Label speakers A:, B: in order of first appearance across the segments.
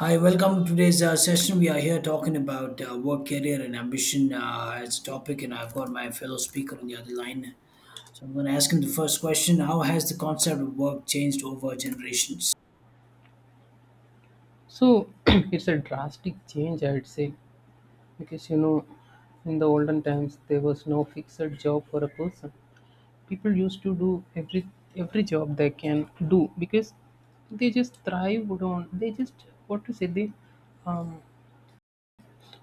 A: Hi, welcome to today's session. We are here talking about work, career, and ambition as a topic, and I've got my fellow speaker on the other line. So I'm going to ask him the first question: how has the concept of work changed over generations?
B: So it's a drastic change, I'd say, because in the olden times there was no fixed job for a person. People used to do every job they can do because they just thrived on. They just what to say they um,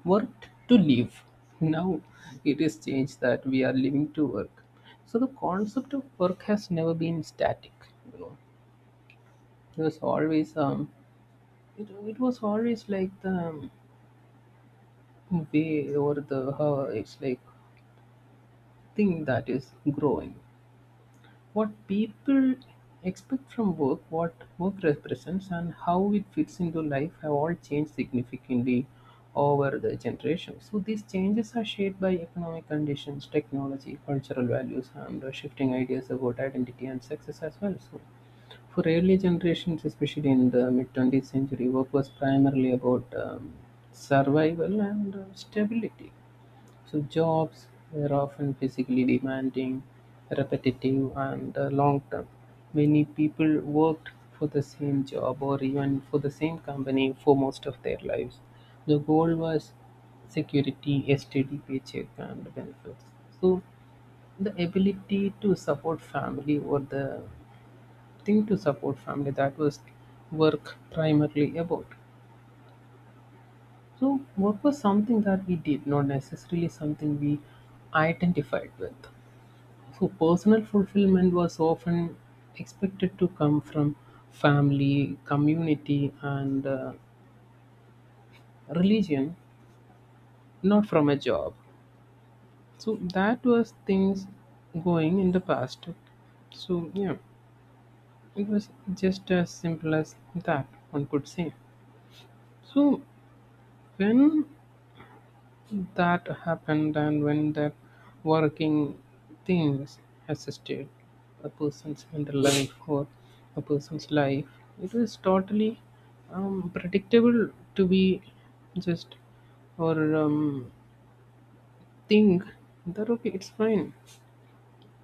B: worked to live. Now it is changed that we are living to work. So the concept of work has never been static. You know, it was always it, it was always like the way over the it's like thing that is growing, what people expect from work, what work represents, and how it fits into life have all changed significantly over the generations. So these changes are shaped by economic conditions, technology, cultural values, and shifting ideas about identity and success as well. So for early generations, especially in the mid 20th century, work was primarily about survival and stability. So jobs were often physically demanding, repetitive, and long-term. Many people worked for the same job or even for the same company for most of their lives. The goal was security, a steady paycheck, and benefits. So the ability to support family, or the thing to support family, that was work primarily about. So work was something that we did, not necessarily something we identified with. So personal fulfillment was often expected to come from family, community, and religion, not from a job. So that was things going in the past. So yeah, it was just as simple as that, one could say. So when that happened, and when that working things assisted a person's mental life or a person's life, it is totally predictable to be just or think that, okay, it's fine,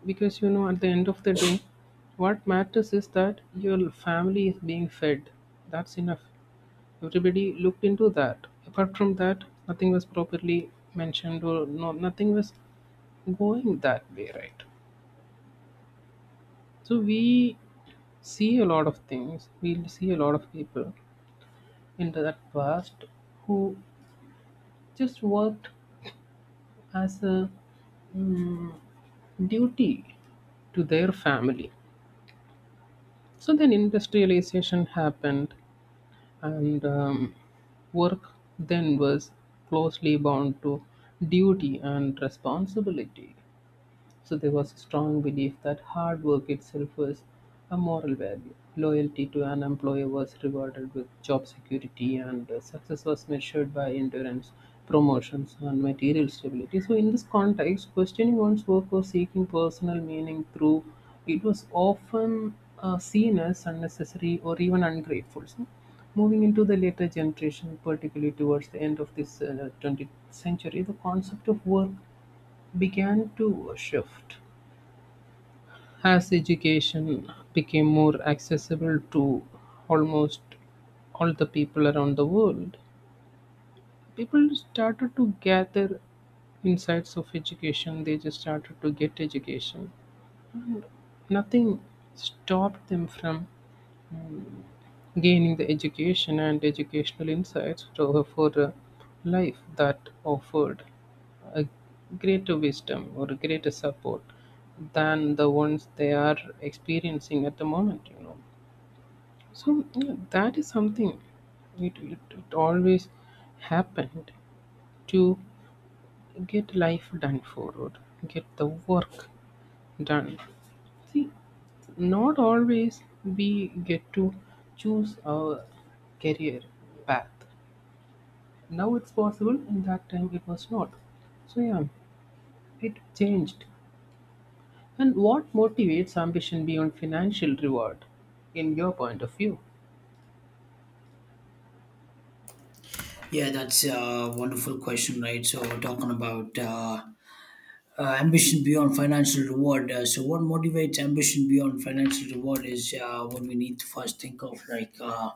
B: because you know, at the end of the day, what matters is that your family is being fed. That's enough. Everybody looked into that. Apart from that, nothing was properly mentioned, or no, nothing was going that way, right? So we see a lot of things. We'll see a lot of people in that past who just worked as a mm, duty to their family. So then industrialization happened, and work then was closely bound to duty and responsibility. So there was a strong belief that hard work itself was a moral value. Loyalty to an employer was rewarded with job security, and success was measured by endurance, promotions, and material stability. So, in this context, questioning one's work or seeking personal meaning through it was often seen as unnecessary or even ungrateful. So, moving into the later generation, particularly towards the end of this 20th century, the concept of work began to shift. As education became more accessible to almost all the people around the world, people started to gather insights of education. They just started to get education. Nothing stopped them from um, gaining the education and educational insights for a life that offered a greater wisdom or a greater support than the ones they are experiencing at the moment, you know. So yeah, that is something, it always happened to get life done forward, get the work done. See, not always we get to choose our career path. Now it's possible; in that time it was not. So yeah, it changed. And what motivates ambition beyond financial reward, in your point of view?
A: Yeah, that's a wonderful question, right? So we're talking about ambition beyond financial reward. So, what motivates ambition beyond financial reward is what we need to first think of, like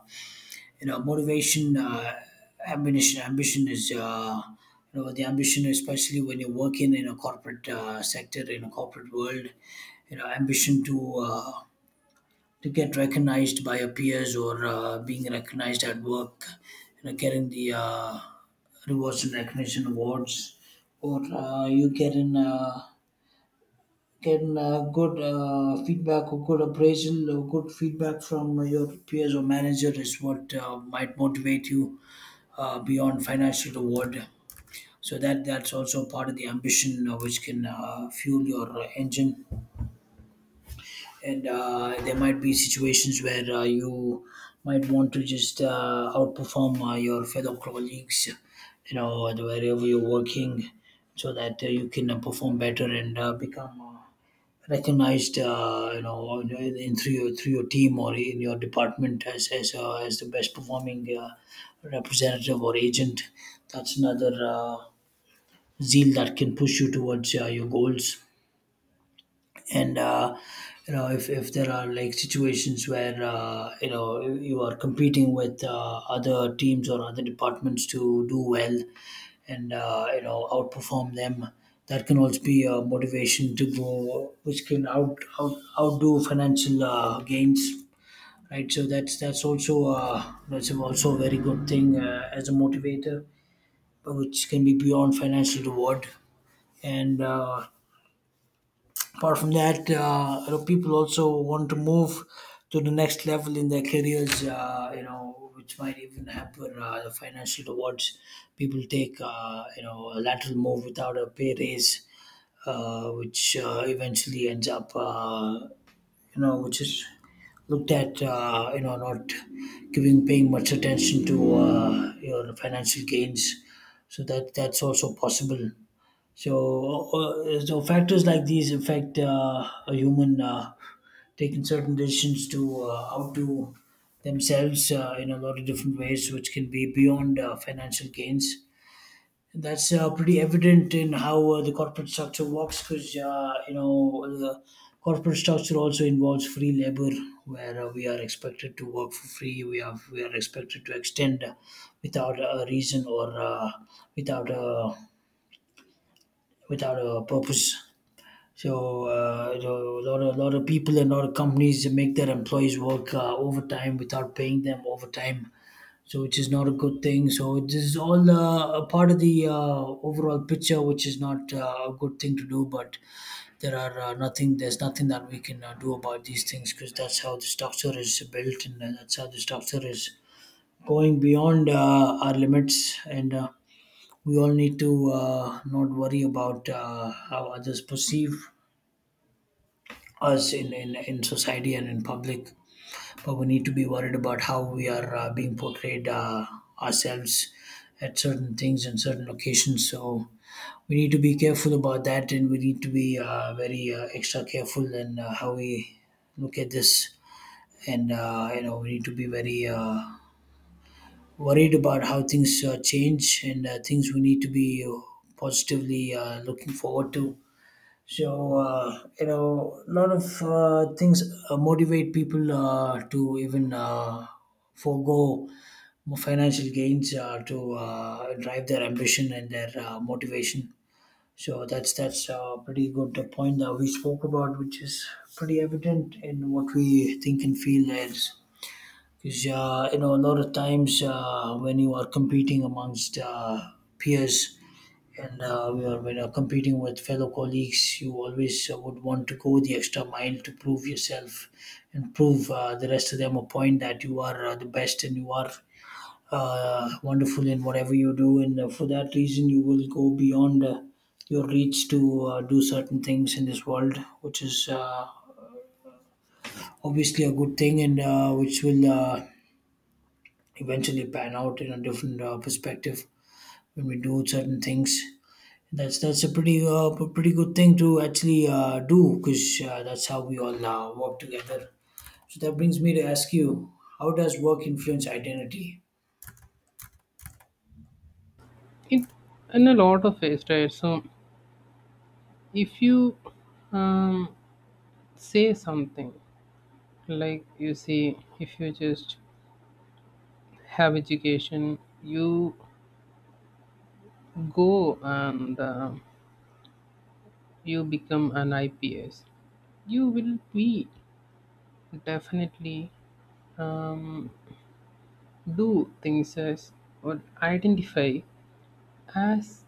A: you know, motivation, ambition is you know, the ambition, especially when you're working in a corporate sector, in a corporate world. You know, ambition uh, to get recognized by your peers, or being recognized at work, you know, getting the rewards and recognition awards, or you getting good feedback or good appraisal or good feedback from your peers or manager is what might motivate you beyond financial reward. So that's also part of the ambition which can fuel your engine. And there might be situations where you might want to just outperform your fellow colleagues, you know, wherever you're working, so that you can perform better and become recognized, you know, through your team or in your department as as the best performing representative or agent. That's another zeal that can push you towards your goals. And you know, if there are like situations where you know, you are competing with other teams or other departments to do well, and you know, outperform them. That can also be a motivation to grow, which can outdo financial gains, right? So that's also that's also a very good thing as a motivator, but which can be beyond financial reward. And apart from that, you know, people also want to move to the next level in their careers, you know, which might even hamper the financial awards. People take, you know, a lateral move without a pay raise, which eventually ends up, you know, which is looked at, you know, not giving, paying much attention to your financial gains. So that's also possible. So, so factors like these affect a human taking certain decisions to outdo themselves in a lot of different ways, which can be beyond financial gains. And that's pretty evident in how the corporate structure works, because you know, the corporate structure also involves free labor, where we are expected to work for free. We are expected to extend without a reason or without a without a purpose. So, so a lot of people and a lot of companies make their employees work overtime without paying them overtime. So, which is not a good thing. So, this is all a part of the overall picture, which is not a good thing to do. But there are nothing. There's nothing that we can do about these things because that's how the structure is built, and that's how the structure is going beyond our limits. And we all need to not worry about how others perceive us in society and in public, but we need to be worried about how we are being portrayed ourselves at certain things and certain locations. So we need to be careful about that, and we need to be very extra careful in how we look at this. And you know, we need to be very worried about how things change, and things we need to be positively looking forward to. So you know, a lot of things motivate people to even forego more financial gains to drive their ambition and their motivation. So that's a pretty good point that we spoke about, which is pretty evident in what we think and feel, is because you know, a lot of times when you are competing amongst peers, and when you're competing with fellow colleagues, you always would want to go the extra mile to prove yourself and prove the rest of them a point that you are the best and you are wonderful in whatever you do. And for that reason, you will go beyond your reach to do certain things in this world, which is obviously a good thing and which will eventually pan out in a different perspective when we do certain things. That's a pretty pretty good thing to actually do, because that's how we all work together. So that brings me to ask you, how does work influence identity?
B: It in a lot of ways, right? So if you um, say something like, you see, if you just have education, you go and you become an ips, you will be definitely um, do things as or identify as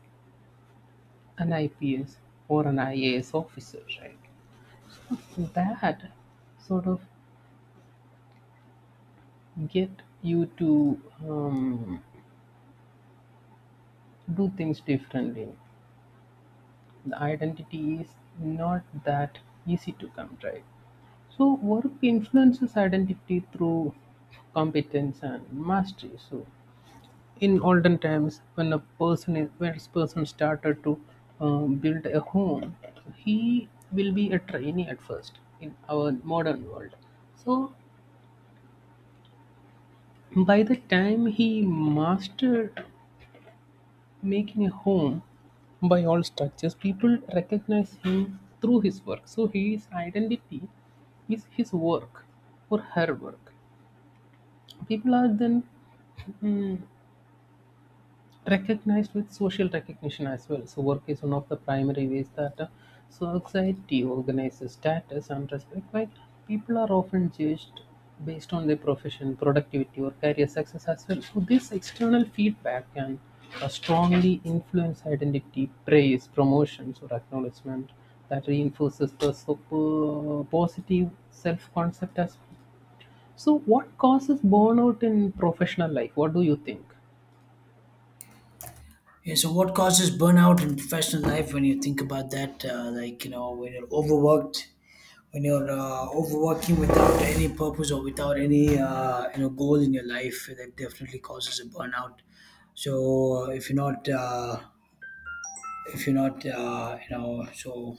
B: an ips or an ias officer, right? That sort of get you to um, do things differently. The identity is not that easy to come, right? So work influences identity through competence and mastery. So in olden times, when a person is, when a person started to build a home, he will be a trainee at first in our modern world. So by the time he mastered making a home by all structures, people recognize him through his work. So his identity is his work or her work. People are then mm, recognized with social recognition as well. So work is one of the primary ways that society organizes status and respect. Like, people are often judged based on their profession, productivity, or career success as well. So this external feedback can strongly influence identity. Praise, promotions, or acknowledgement that reinforces the positive self-concept as well. So what causes burnout in professional life? What do you think?
A: Yeah, so what causes burnout in professional life when you think about that? Like you know, when you're overworked, when you're overworking without any purpose or without any you know, goal in your life, that definitely causes a burnout. So if you're not you know, so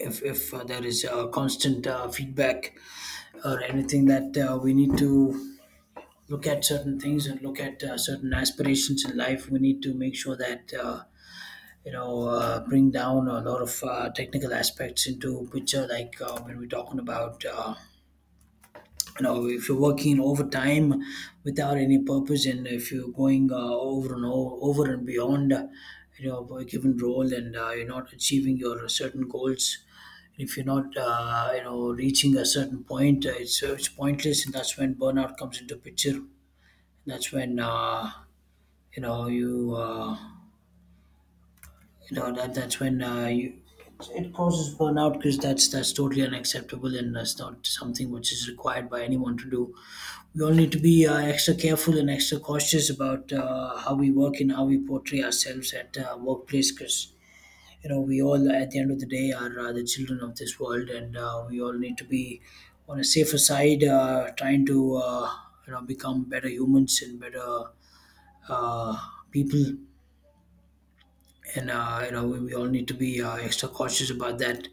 A: if there is constant feedback or anything that we need to look at certain things and look at certain aspirations in life, we need to make sure that you know, bring down a lot of technical aspects into picture, like when we're talking about you know, if you're working overtime without any purpose, and if you're going over over and beyond you know, for a given role, and you're not achieving your certain goals, if you're not you know, reaching a certain point, it's pointless, and that's when burnout comes into picture. That's when you know, that's when you, it causes burnout, because that's totally unacceptable, and that's not something which is required by anyone to do. We all need to be extra careful and extra cautious about how we work and how we portray ourselves at workplace, because you know, we all, at the end of the day, are the children of this world, and we all need to be on a safer side, trying to you know, become better humans and better uh, people. And you know, we all need to be extra cautious about that.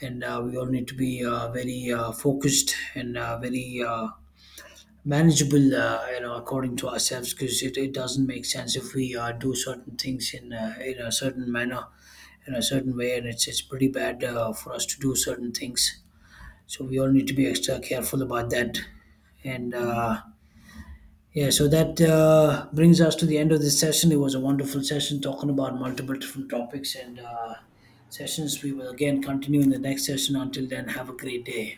A: And we all need to be very focused and very manageable, you know, according to ourselves, because it doesn't make sense if we do certain things in a certain manner, in a certain way, and it's pretty bad for us to do certain things. So we all need to be extra careful about that. And yeah, so that brings us to the end of this session. It was a wonderful session talking about multiple different topics and sessions. We will again continue in the next session. Until then, have a great day.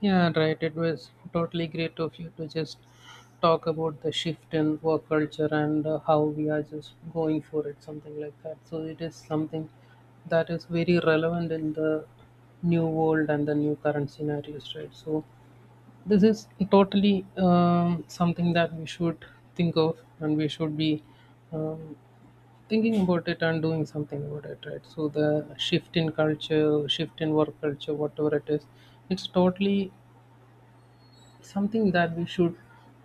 B: Yeah, right. It was totally great of you to just talk about the shift in work culture and how we are just going for it, something like that. So it is something that is very relevant in the new world and the new current scenarios, right? So this is totally something that we should think of, and we should be um, thinking about it and doing something about it, right? So the shift in culture, shift in work culture, whatever it is, it's totally something that we should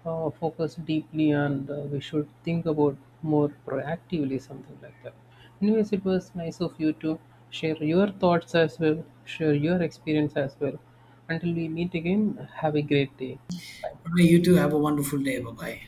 B: focus deeply, and we should think about more proactively, something like that. Anyways, it was nice of you to share your thoughts as well, share your experience as well. Until we meet again, have a great day. Bye.
A: All right, you too. Have a wonderful day. Bye bye.